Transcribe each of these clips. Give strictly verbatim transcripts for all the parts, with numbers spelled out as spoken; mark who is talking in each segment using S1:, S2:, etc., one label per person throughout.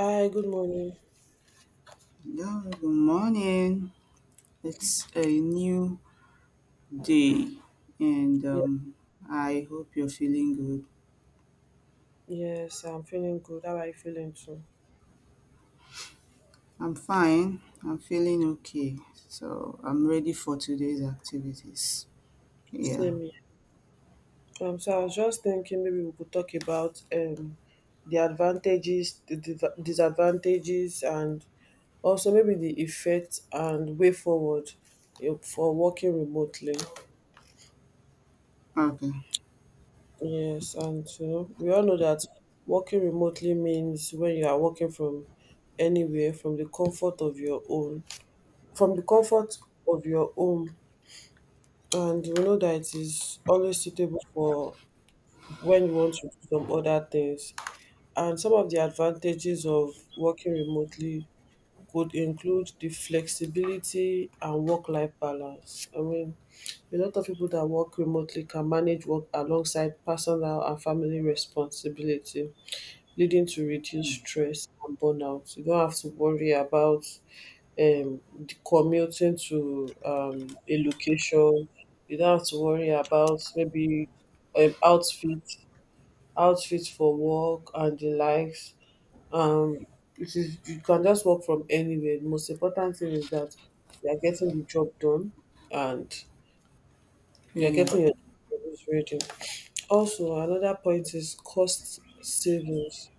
S1: Hi, good morning.
S2: Yeah, good morning. It's a new day, and
S1: Yeah,
S2: um, I hope you're feeling good.
S1: yes, I'm feeling good. How are you feeling too?
S2: I'm fine. I'm feeling okay. So I'm ready for today's activities. Yeah.
S1: Same here. Um, so I was just thinking maybe we could talk about um the advantages, the div- disadvantages, and also maybe the effect and way forward, you know, for working remotely.
S2: Okay.
S1: Yes, and you know we all know that working remotely means when you are working from anywhere, from the comfort of your own, from the comfort of your home, and we know that it is always suitable for when you want to do some other things. And some of the advantages of working remotely could include the flexibility and work life balance. I mean, a lot of people that work remotely can manage work alongside personal and family responsibility leading to reduced stress and burnout. You don't have to worry about um, the commuting to um, a location. You don't have to worry about maybe um, outfit, outfit for work and the likes. Um, it is you can just work from anywhere. The most important thing is that you are getting the job done and
S2: Yeah.
S1: you are
S2: Yeah.
S1: getting your job ready. Also, another point is cost savings.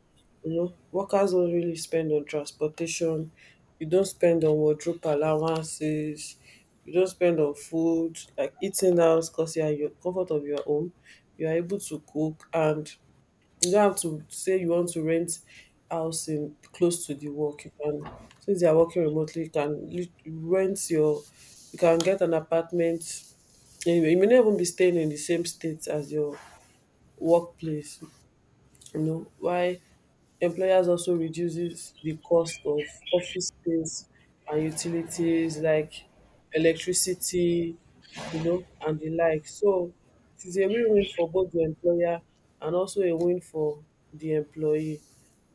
S1: You know, workers don't really spend on transportation. You don't spend on wardrobe allowances. You don't spend on food, like eating out, because you are in your comfort of your home. You are able to cook, and you don't have to say you want to rent house in close to the work. You can, since you are working remotely, you can lit- rent your, you can get an apartment. You you may not even be staying in the same state as your workplace, you know, why employers also reduces the cost of office space and utilities like electricity, you know, and the like. So it is a win-win for both the employer and also a win for the employee.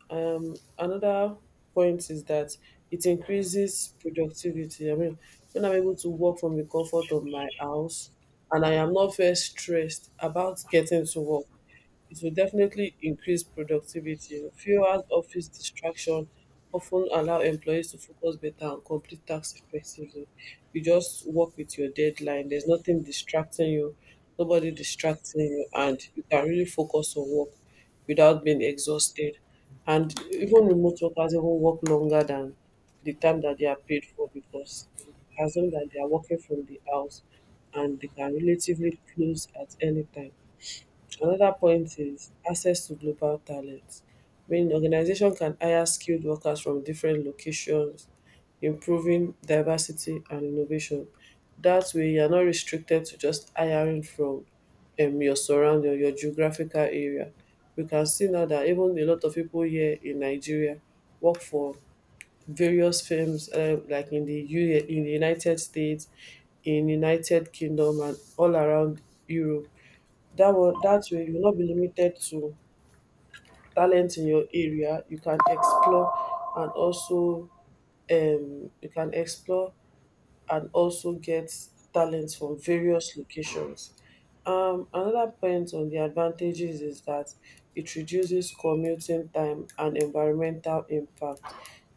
S1: Um, another point is that it increases productivity. I mean, when I'm able to work from the comfort of my house and I am not very stressed about getting to work, it will definitely increase productivity. Fewer office distractions often allow employees to focus better and complete tasks effectively. You just work with your deadline. There's nothing distracting you, nobody distracting you, and you can really focus on work without being exhausted. And even remote workers even work longer than the time that they are paid for because as long as they are working from the house and they can relatively close at any time. Another point is access to global talent. When organization can hire skilled workers from different locations, improving diversity and innovation. That way, you're not restricted to just hiring from um, your surrounding or your geographical area. We can see now that even a lot of people here in Nigeria work for various firms uh, like in the U- in the United States, in United Kingdom, and all around Europe, that one that way you will not be limited to talent in your area, you can explore and also um, you can explore and also get talents from various locations. Um, another point on the advantages is that it reduces commuting time and environmental impact.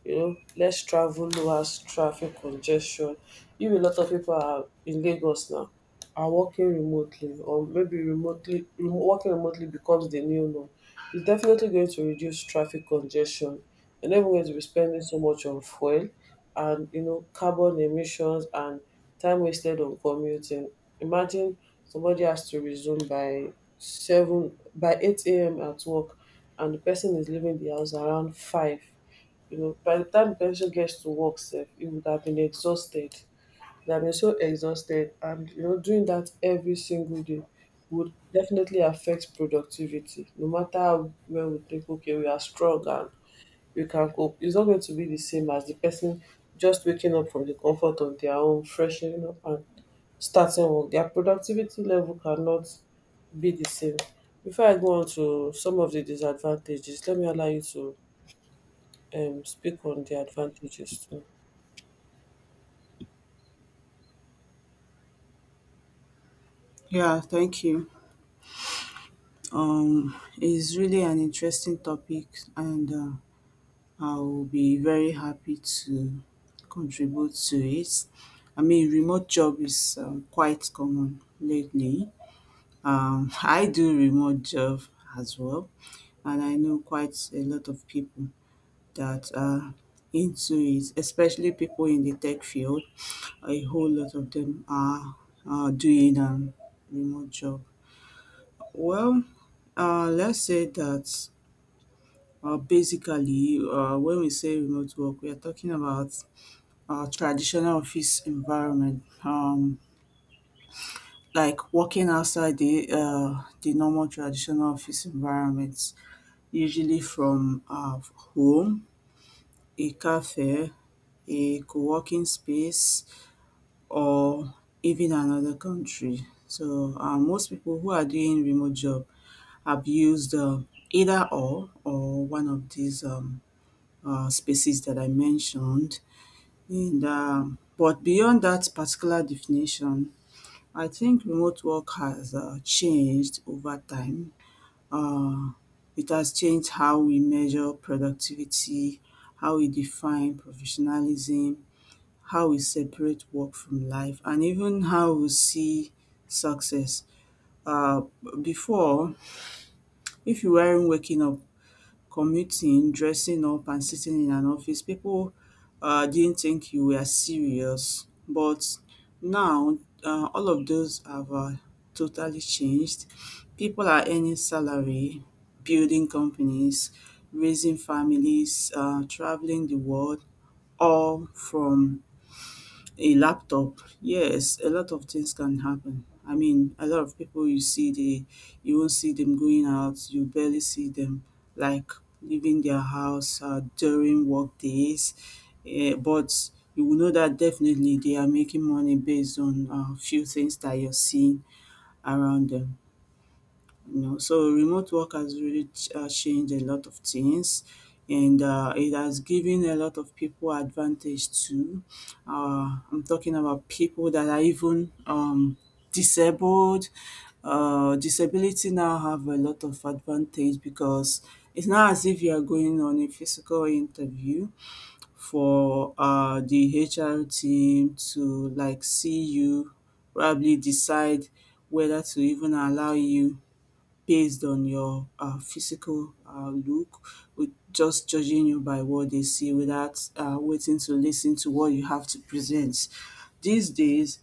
S1: You know, less travel lowers traffic congestion. If a lot of people are in Lagos now, are working remotely, or maybe remotely rem- working remotely becomes the new norm. It's definitely going to reduce traffic congestion. You're never going to be spending so much on fuel and you know carbon emissions and time wasted on commuting. Imagine somebody has to resume by seven by eight a.m. at work, and the person is leaving the house around five. You know, by the time the person gets to work, safe, he would have been exhausted. They have been so exhausted, and you know, doing that every single day would definitely affect productivity. No matter how well we think, okay, we are strong and you can cope. It's not going to be the same as the person just waking up from the comfort of their home, freshening up and starting work. Their productivity level cannot be the same. Before I go on to some of the disadvantages, let me allow you to um, speak on the advantages too.
S2: Yeah, thank you. Um, it's really an interesting topic, and uh, I'll be very happy to contribute to it. I mean, remote job is um, quite common lately. Um, I do remote job as well, and I know quite a lot of people that are into it, especially people in the tech field. A whole lot of them are uh, doing a remote job. Well, uh, let's say that uh, basically, uh, when we say remote work, we are talking about uh, traditional office environment, um, like working outside the uh, the normal traditional office environments, usually from uh, home, a cafe, a co-working space, or even another country. So uh, most people who are doing remote job have used uh, either or or one of these um, uh, spaces that I mentioned. And um, but beyond that particular definition, I think remote work has uh, changed over time. Uh, it has changed how we measure productivity, how we define professionalism, how we separate work from life, and even how we see success. Uh, Before, if you weren't waking up commuting, dressing up and sitting in an office, people uh, didn't think you were serious. But now, uh, all of those have uh, totally changed. People are earning salary, building companies, raising families, uh, traveling the world, all from a laptop. Yes, a lot of things can happen. I mean, a lot of people you see, they you won't see them going out. You barely see them like leaving their house uh, during work days. Eh, but you will know that definitely they are making money based on a few things that you're seeing around them you know. So remote work has really ch- uh, changed a lot of things, and uh, it has given a lot of people advantage too. Uh, I'm talking about people that are even um, disabled. Uh, disability now have a lot of advantage because it's not as if you are going on a physical interview for uh, the H R team to like see you, probably decide whether to even allow you based on your uh, physical uh, look, with just judging you by what they see without uh, waiting to listen to what you have to present. These days,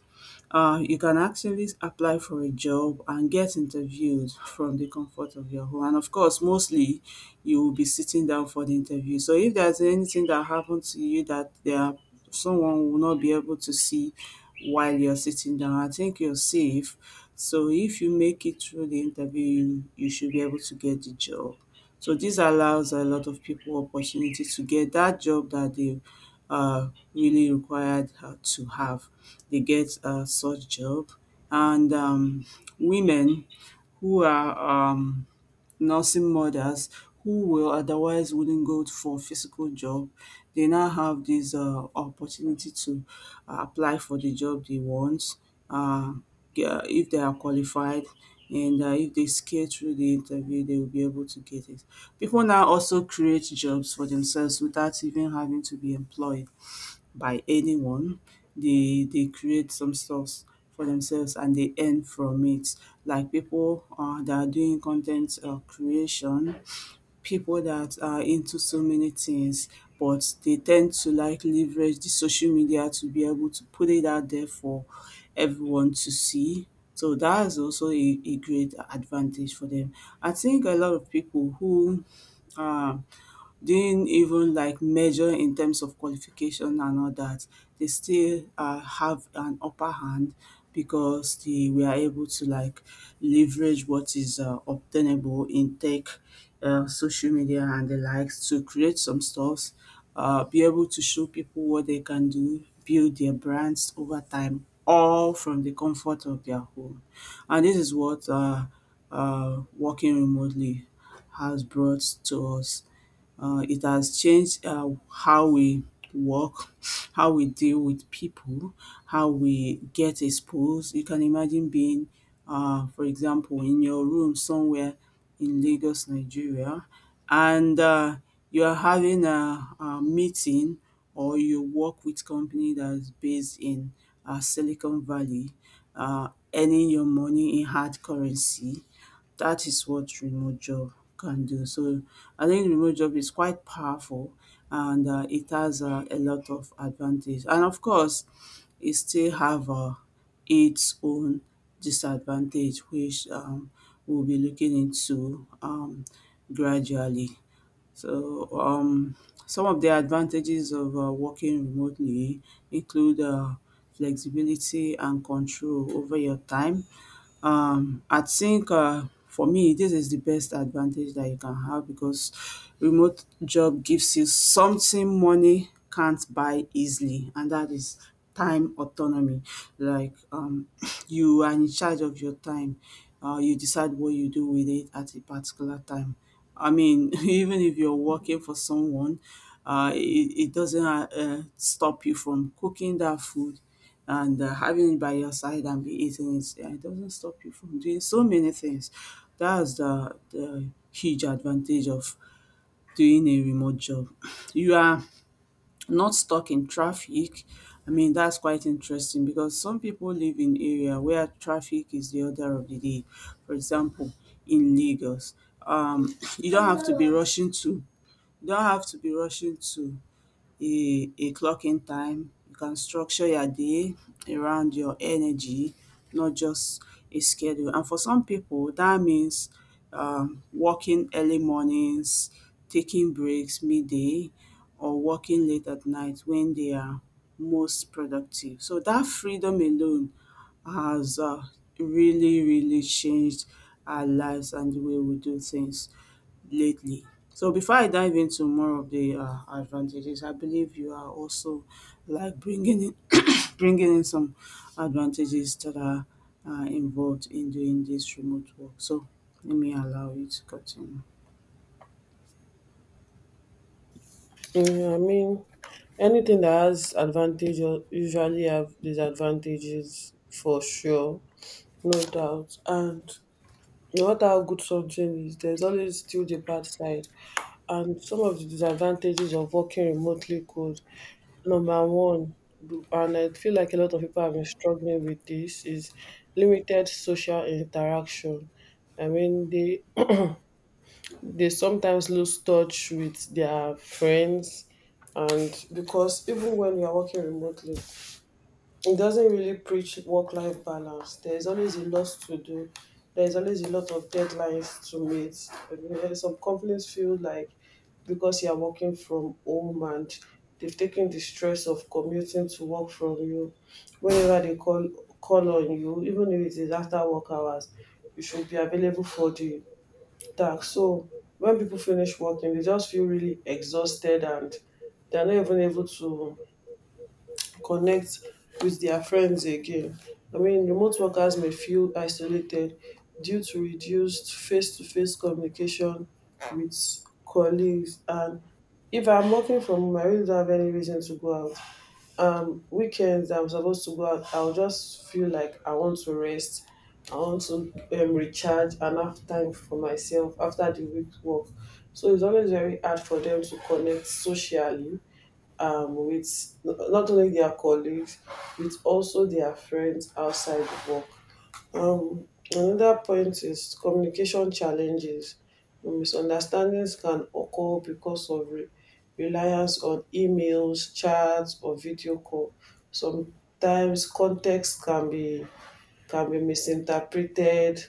S2: uh, you can actually apply for a job and get interviewed from the comfort of your home. And of course, mostly you will be sitting down for the interview. So if there's anything that happened to you that there someone will not be able to see while you're sitting down, I think you're safe. So if you make it through the interview, you, you should be able to get the job. So this allows a lot of people opportunity to get that job that they are really required uh, to have. They get uh, such job, and um, women who are um, nursing mothers who will otherwise wouldn't go for physical job. They now have this uh, opportunity to uh, apply for the job they want, uh, yeah, if they are qualified. And uh, if they scale through the interview, they will be able to get it. People now also create jobs for themselves without even having to be employed by anyone. They they create some stuffs for themselves and they earn from it. Like people uh, that are doing content uh, creation, people that are into so many things, but they tend to like leverage the social media to be able to put it out there for everyone to see. So that is also a, a great advantage for them. I think a lot of people who um didn't even like measure in terms of qualification and all that, they still uh, have an upper hand because they were able to like leverage what is uh, obtainable in tech, uh, social media and the likes to create some stuffs, uh, be able to show people what they can do, build their brands over time, all from the comfort of their home. And this is what uh, uh, working remotely has brought to us. Uh, it has changed uh, how we work, how we deal with people, how we get exposed. You can imagine being, uh, for example, in your room somewhere in Lagos, Nigeria, and uh, you are having a, a meeting or you work with company that's based in uh, Silicon Valley, uh, earning your money in hard currency. That is what remote job can do. So I think remote job is quite powerful, and uh, it has uh, a lot of advantage. And of course, it still have uh, its own disadvantage, which um, we'll be looking into um, gradually. So um, some of the advantages of uh, working remotely include uh, flexibility and control over your time. um, I think uh, for me, this is the best advantage that you can have because remote job gives you something money can't buy easily, and that is time autonomy. Like um, you are in charge of your time. Uh, you decide what you do with it at a particular time. I mean, even if you're working for someone, uh, it, it doesn't uh, uh, stop you from cooking that food and uh, having it by your side and be eating it, yeah, it doesn't stop you from doing so many things. That's the the huge advantage of doing a remote job. You are not stuck in traffic. I mean, that's quite interesting because some people live in area where traffic is the order of the day. For example, in Lagos, um, you don't have to be rushing to you don't have to be rushing to a a clocking time. You can structure your day around your energy, not just a schedule. And for some people, that means um, working early mornings, taking breaks midday, or working late at night when they are most productive. So that freedom alone has uh, really, really changed our lives and the way we do things lately. So before I dive into more of the uh, advantages, I believe you are also like bringing in bringing in some advantages that are uh, involved in doing this remote work. So let me allow you to continue.
S1: Mm, I mean, anything that has advantage u- usually have disadvantages for sure, no doubt. And no matter how good something is, there's always still the bad side. And some of the disadvantages of working remotely could number one, b- and I feel like a lot of people have been struggling with this, is limited social interaction. I mean, they they sometimes lose touch with their friends, and because even when you are working remotely, it doesn't really preach work life balance. There's always a lot to do. There's always a lot of deadlines to meet. I mean, eh, some companies feel like because you are working from home and they've taken the stress of commuting to work from you, whenever they call call on you, even if it is after work hours, you should be available for the task. So when people finish working, they just feel really exhausted and they're not even able to connect with their friends again. I mean, remote workers may feel isolated due to reduced face to face communication with colleagues. And if I'm working from home, I really don't have any reason to go out. Um, weekends, I'm supposed to go out, I'll just feel like I want to rest. I want to um, recharge and have time for myself after the week work. So it's always very hard for them to connect socially um, with not only their colleagues, with also their friends outside of work. Um, Another point is communication challenges. Misunderstandings can occur because of re- reliance on emails, chats, or video call. Sometimes context can be can be misinterpreted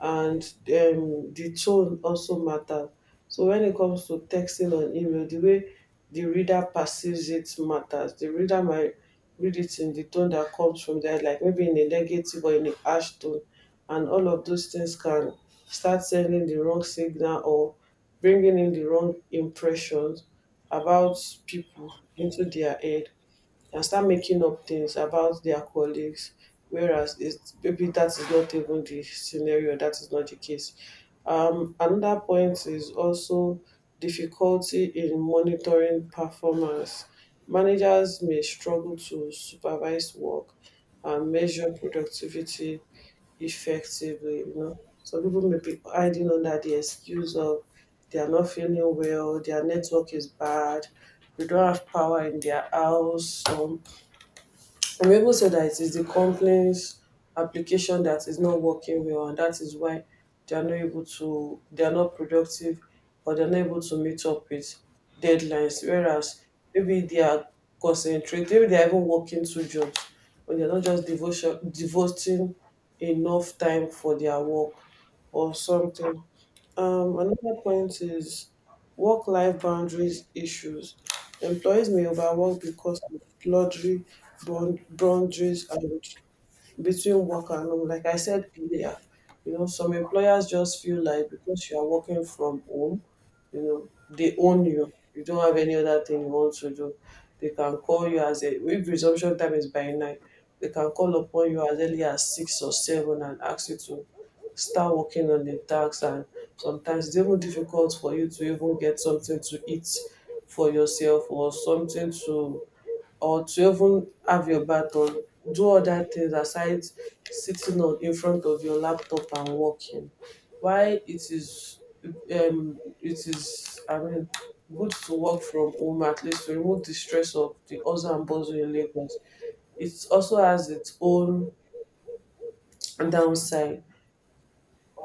S1: and um, the tone also matters. So when it comes to texting on email, the way the reader perceives it matters. The reader might read it in the tone that comes from there, like maybe in a negative or in a harsh tone, and all of those things can start sending the wrong signal or bringing in the wrong impressions about people into their head and start making up things about their colleagues whereas it's maybe that is not even the scenario, that is not the case. Um, another point is also difficulty in monitoring performance. Managers may struggle to supervise work and measure productivity effectively, you know. Some people may be hiding under the excuse of they are not feeling well, their network is bad, they don't have power in their house, some Revo said that it is the company's application that is not working well, and that is why they are not able to, they are not productive, or they are not able to meet up with deadlines. Whereas maybe they are concentrated, maybe they are even working two jobs, but they are not just devotion, devoting enough time for their work or something. Um, another point is work life boundaries issues. Employees may overwork because of blurry bound- boundaries and between work and home. Like I said earlier, you know, some employers just feel like because you are working from home, you know, they own you. You don't have any other thing you want to do. They can call you as a if resumption time is by nine, they can call upon you as early as six or seven and ask you to start working on the tax, and sometimes it's even difficult for you to even get something to eat for yourself or something to or to even have your bath or do other things aside sitting on in front of your laptop and working. Why it is um it is, I mean, good to work from home at least to remove the stress of the hustle and bustle in Lagos, it also has its own downside.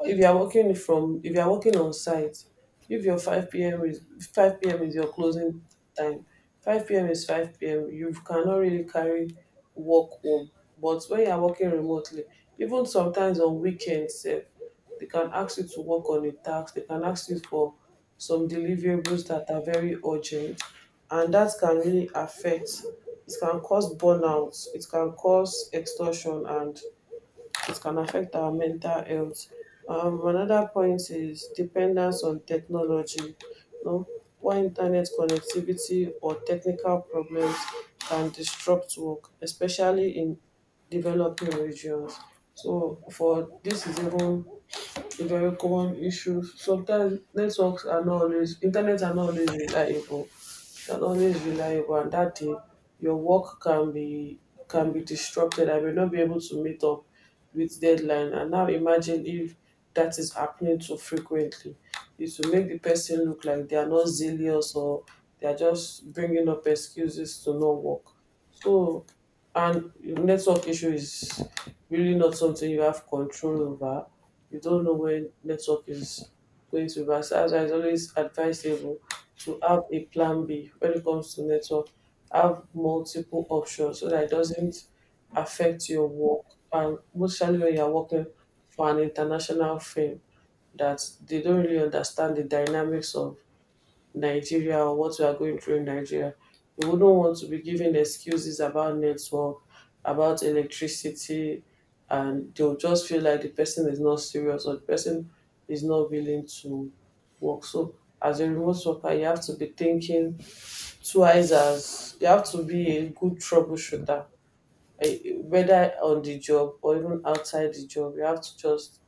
S1: If you are working from, if you are working on site, if your five p m is five p m is your closing time, five p m is five p m. You cannot really carry work home. But when you are working remotely, even sometimes on weekends, sef, they can ask you to work on a task. They can ask you for some deliverables that are very urgent, and that can really affect. It can cause burnout. It can cause extortion and it can affect our mental health. Um, another point is dependence on technology. You know, poor internet connectivity or technical problems can disrupt work, especially in developing regions. So for this is even a very common issue. Sometimes networks are not always internet are not always reliable and always reliable, and that day your work can be can be disrupted. I may not be able to meet up with deadline. And now imagine if that is happening too frequently, it will make the person look like they are not zealous or they are just bringing up excuses to not work. So, and network issue is really not something you have control over. You don't know when network is going to be bad. So as I, always advisable to have a plan B when it comes to network. Have multiple options so that it doesn't affect your work, and mostly when you're working for an international firm that, they don't really understand the dynamics of Nigeria or what we are going through in Nigeria. We wouldn't want to be given excuses about network, about electricity, and they'll just feel like the person is not serious or the person is not willing to work. So, as a remote worker, you have to be thinking twice, as you have to be a good troubleshooter, eh, whether on the job or even outside the job. You have to just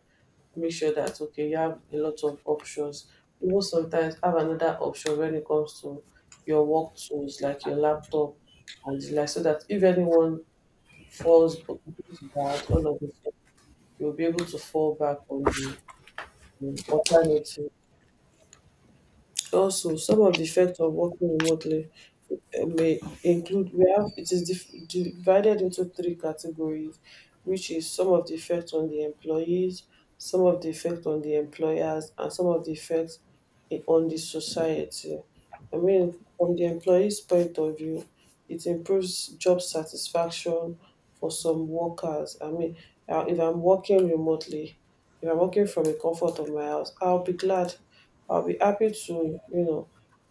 S1: make sure that okay you have a lot of options, even sometimes have another option when it comes to your work tools like your laptop and the like, so that if anyone falls b- goes bad all of a sudden, you'll be able to fall back on the um, alternative. Also, some of the effects of working remotely uh, may include, we have, it is dif- divided into three categories, which is some of the effects on the employees, some of the effect on the employers, and some of the effects i- on the society. I mean, from the employees' point of view, it improves job satisfaction for some workers. I mean, uh, if I'm working remotely, if I'm working from the comfort of my house, I'll be glad I'll be happy to, you know,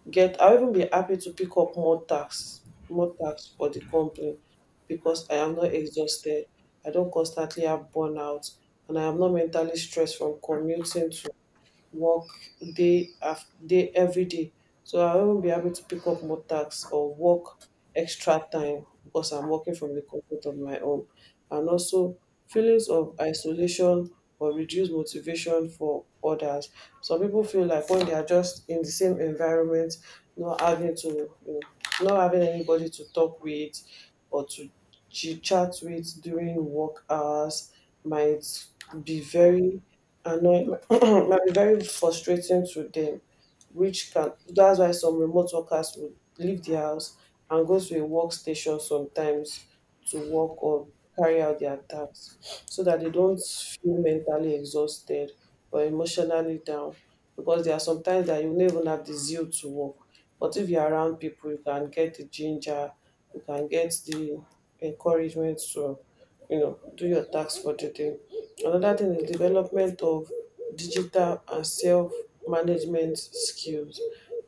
S1: get I'll even be happy to pick up more tasks, more tasks for the company because I am not exhausted. I don't constantly have burnout and I am not mentally stressed from commuting to work day after day every day. So I won't be able to pick up more tasks or work extra time because I'm working from the comfort of my home. And also feelings of isolation or reduced motivation for others. Some people feel like when they are just in the same environment, not having to, you know, not having anybody to talk with or to chit chat with during work hours might be very annoying, might be very frustrating to them, which can that's why some remote workers will leave the house and go to a workstation sometimes to work or carry out their tasks so that they don't feel mentally exhausted or emotionally down, because there are sometimes that you never have the zeal to work. But if you're around people, you can get the ginger, you can get the encouragement to, you know, do your tasks for the day. Another thing is development of digital and self management skills.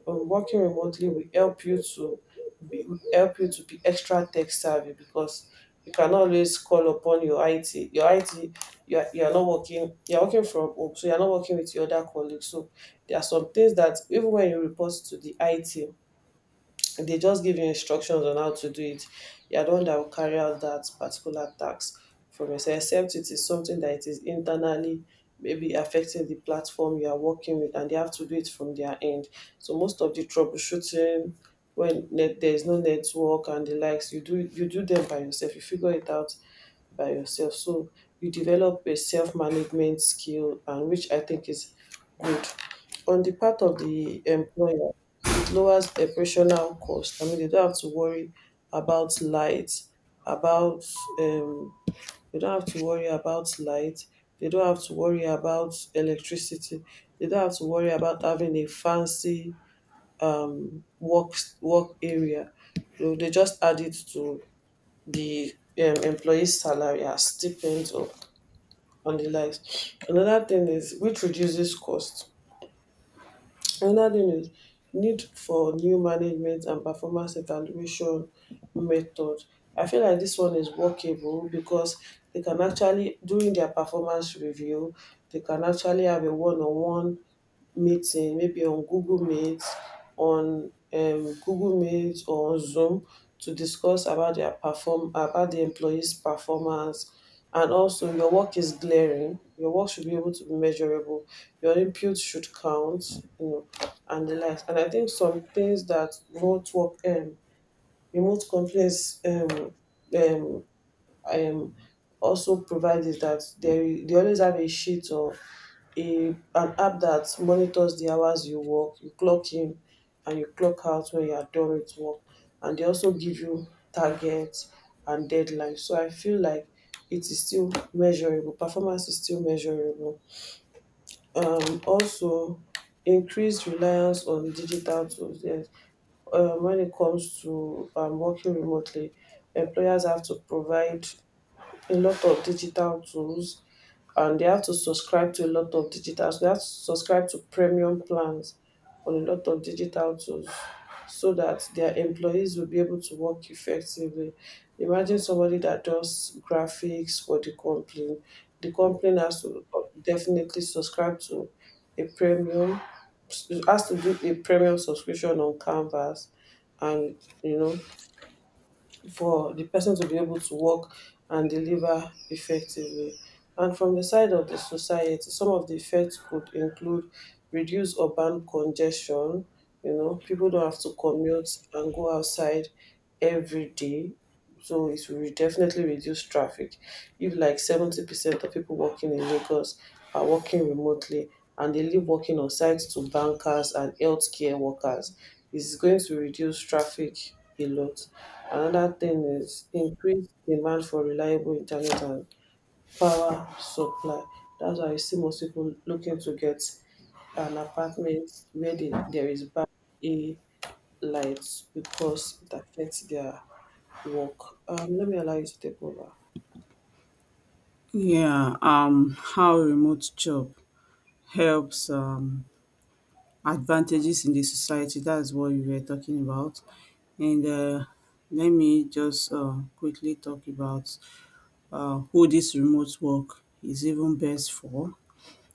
S1: Um, working remotely will help you to be, will help you to be extra tech savvy, because you cannot always call upon your I T. Your I T, you are, you are not working. You are working from home, so you are not working with your other colleagues. So there are some things that even when you report to the I T, they just give you instructions on how to do it. You are the one that will carry out that particular task from yourself, except it is something that it is internally maybe affecting the platform you are working with and they have to do it from their end. So most of the troubleshooting when net, there is no network and the likes, you do you do them by yourself. You figure it out by yourself. So you develop a self-management skill, and which I think is good. On the part of the employer, lowers operational cost. I mean, they don't have to worry about light, about, um, they don't have to worry about light. They don't have to worry about electricity. They don't have to worry about having a fancy um, work work area. So they just add it to the um, employee's salary as stipends or on the likes. Another thing is which reduces cost Another thing is need for new management and performance evaluation method. I feel like this one is workable because they can actually, during their performance review, they can actually have a one on one meeting, maybe on Google Meet, on um, Google Meet or on Zoom to discuss about their perform about the employees' performance. And also, your work is glaring. Your work should be able to be measurable. Your input should count, you know, and the likes. And I think some things that remote work, um, remote companies, um, um, um, also provide is that they they always have a sheet or a an app that monitors the hours you work, you clock in and you clock out when you are done with work. And they also give you targets and deadlines. So I feel like it is still measurable. Performance is still measurable. Um, also, increased reliance on digital tools. Yes. Um, when it comes to um, working remotely, employers have to provide a lot of digital tools, and they have to subscribe to a lot of digital so they have to subscribe to premium plans on a lot of digital tools so that their employees will be able to work effectively. Imagine somebody that does graphics for the company, the company has to uh, definitely subscribe to a premium has to do a premium subscription on canvas, and you know, for the person to be able to work and deliver effectively. And from the side of the society, some of the effects could include reduce urban congestion. You know, people don't have to commute and go outside every day. So it will definitely reduce traffic. If like seventy percent of people working in Lagos are working remotely and they leave working on sites to bankers and healthcare workers, is going to reduce traffic a lot. Another thing is increased demand for reliable internet and power supply. That's why you see most people looking to get an apartment where they, there is bad a light, because it affects their work. Um, let me allow you to take over.
S2: Yeah, um, how remote job helps um, advantages in the society. That's what we were talking about. And uh, let me just uh, quickly talk about uh, who this remote work is even best for.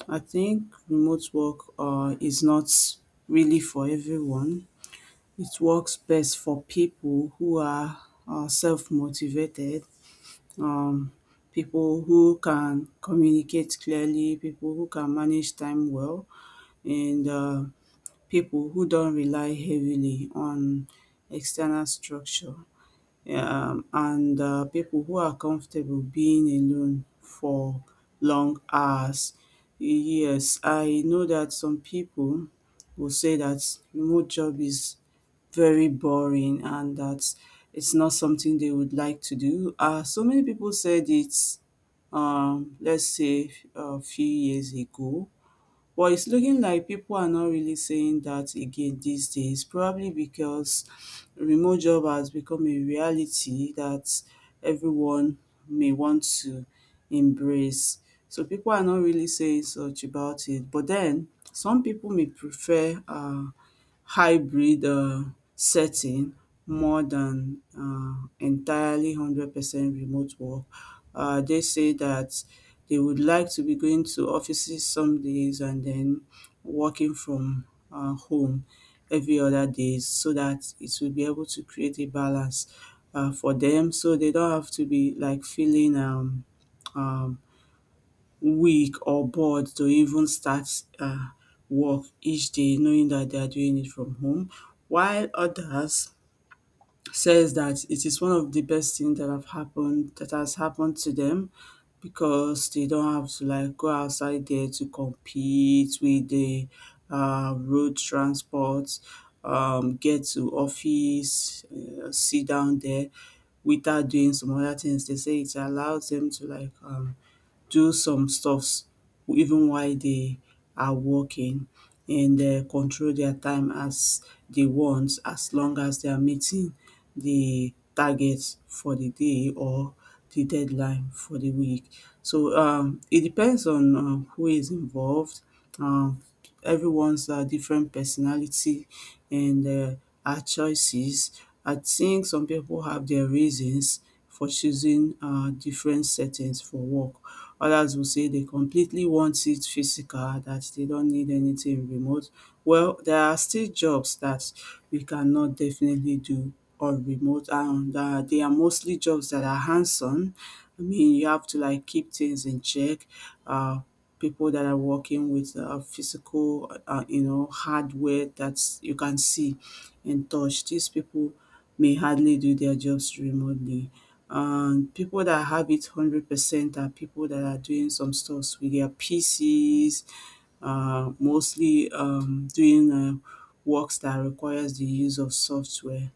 S2: I think remote work uh, is not really for everyone. It works best for people who are uh, self motivated, um, people who can communicate clearly, people who can manage time well, and uh, people who don't rely heavily on external structure, um, and uh, people who are comfortable being alone for long hours. Yes, I know that some people will say that remote job is very boring and that it's not something they would like to do. Uh, so many people said it's, um, let's say, a few years ago, but it's looking like people are not really saying that again these days, probably because remote job has become a reality that everyone may want to embrace. So people are not really saying such about it. But then some people may prefer uh hybrid, uh, setting more than, uh, entirely one hundred percent remote work. Uh, they say that they would like to be going to offices some days and then working from, uh, home every other days so that it will be able to create a balance, uh, for them so they don't have to be like feeling, um, um weak or bored to even start uh, work each day knowing that they are doing it from home, while others says that it is one of the best things that have happened that has happened to them because they don't have to like go outside there to compete with the uh, road transport, um, get to office, uh, sit down there without doing some other things. They say it allows them to like um, do some stuffs even while they are working, and uh, control their time as they want, as long as they are meeting the targets for the day or the deadline for the week. So um, it depends on uh, who is involved. Um, Everyone's uh, different personality and uh, our choices. I think some people have their reasons for choosing uh, different settings for work. Others will say they completely want it physical, that they don't need anything remote. Well, there are still jobs that we cannot definitely do on remote, and uh, they are mostly jobs that are hands on. I mean, you have to like keep things in check. Uh, People that are working with uh, physical, uh, you know, hardware that you can see and touch. These people may hardly do their jobs remotely. And people that have it one hundred percent are people that are doing some stuffs with their P Cs, uh, mostly um, doing uh, works that requires the use of software.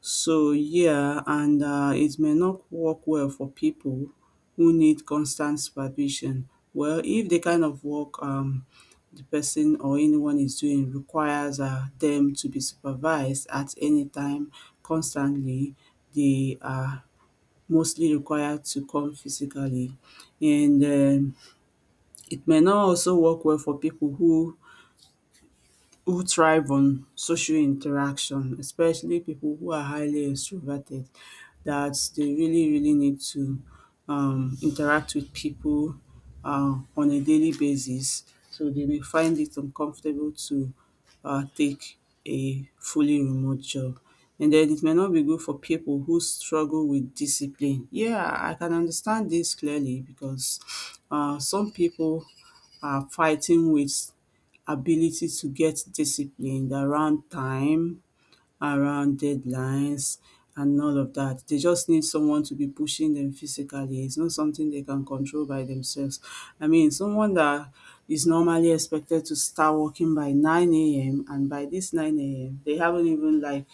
S2: So yeah, and uh, it may not work well for people who need constant supervision. Well, if the kind of work um, the person or anyone is doing requires uh, them to be supervised at any time, constantly, they are mostly required to come physically. And um, it may not also work well for people who who thrive on social interaction, especially people who are highly extroverted, that they really, really need to um, interact with people uh, on a daily basis. So they may find it uncomfortable to uh, take a fully remote job. And then it may not be good for people who struggle with discipline. Yeah, I can understand this clearly because uh, some people are fighting with ability to get disciplined around time, around deadlines, and all of that. They just need someone to be pushing them physically. It's not something they can control by themselves. I mean, someone that is normally expected to start working by nine a m and by this nine a m, they haven't even like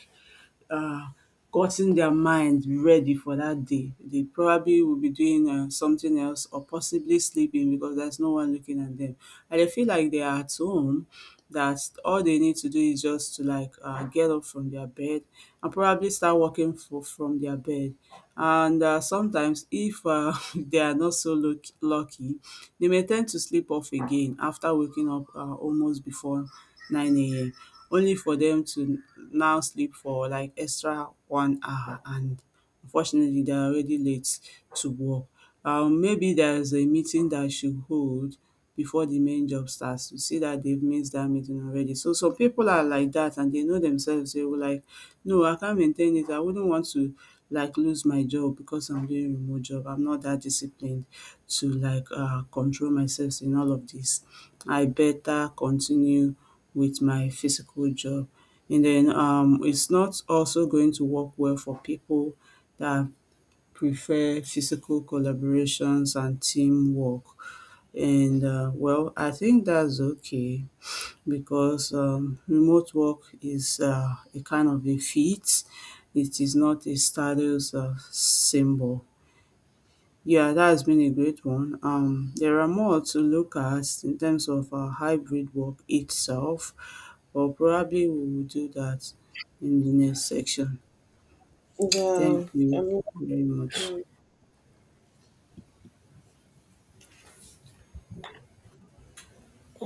S2: uh, gotten their mind ready for that day. They probably will be doing uh, something else or possibly sleeping because there's no one looking at them. And they feel like they are at home, that all they need to do is just to like uh, get up from their bed and probably start working for, from their bed. And uh, sometimes, if uh, they are not so luck- lucky, they may tend to sleep off again after waking up uh, almost before nine a m only for them to now sleep for like extra one hour, and unfortunately they're already late to work. Um, maybe there's a meeting that should hold before the main job starts to see that they've missed that meeting already. So some people are like that and they know themselves, they were like, no, I can't maintain it. I wouldn't want to like lose my job because I'm doing remote job. I'm not that disciplined to like uh, control myself in all of this. I better continue with my physical job. And then um, it's not also going to work well for people that prefer physical collaborations and teamwork. And uh, well, I think that's okay because um, remote work is uh, a kind of a feat. It is not a status uh, symbol. Yeah, that has been a great one. Um, there are more to look at in terms of uh, hybrid work itself, but probably we will do that in the next section. Thank
S1: Yeah, I
S2: you
S1: mean,
S2: very much.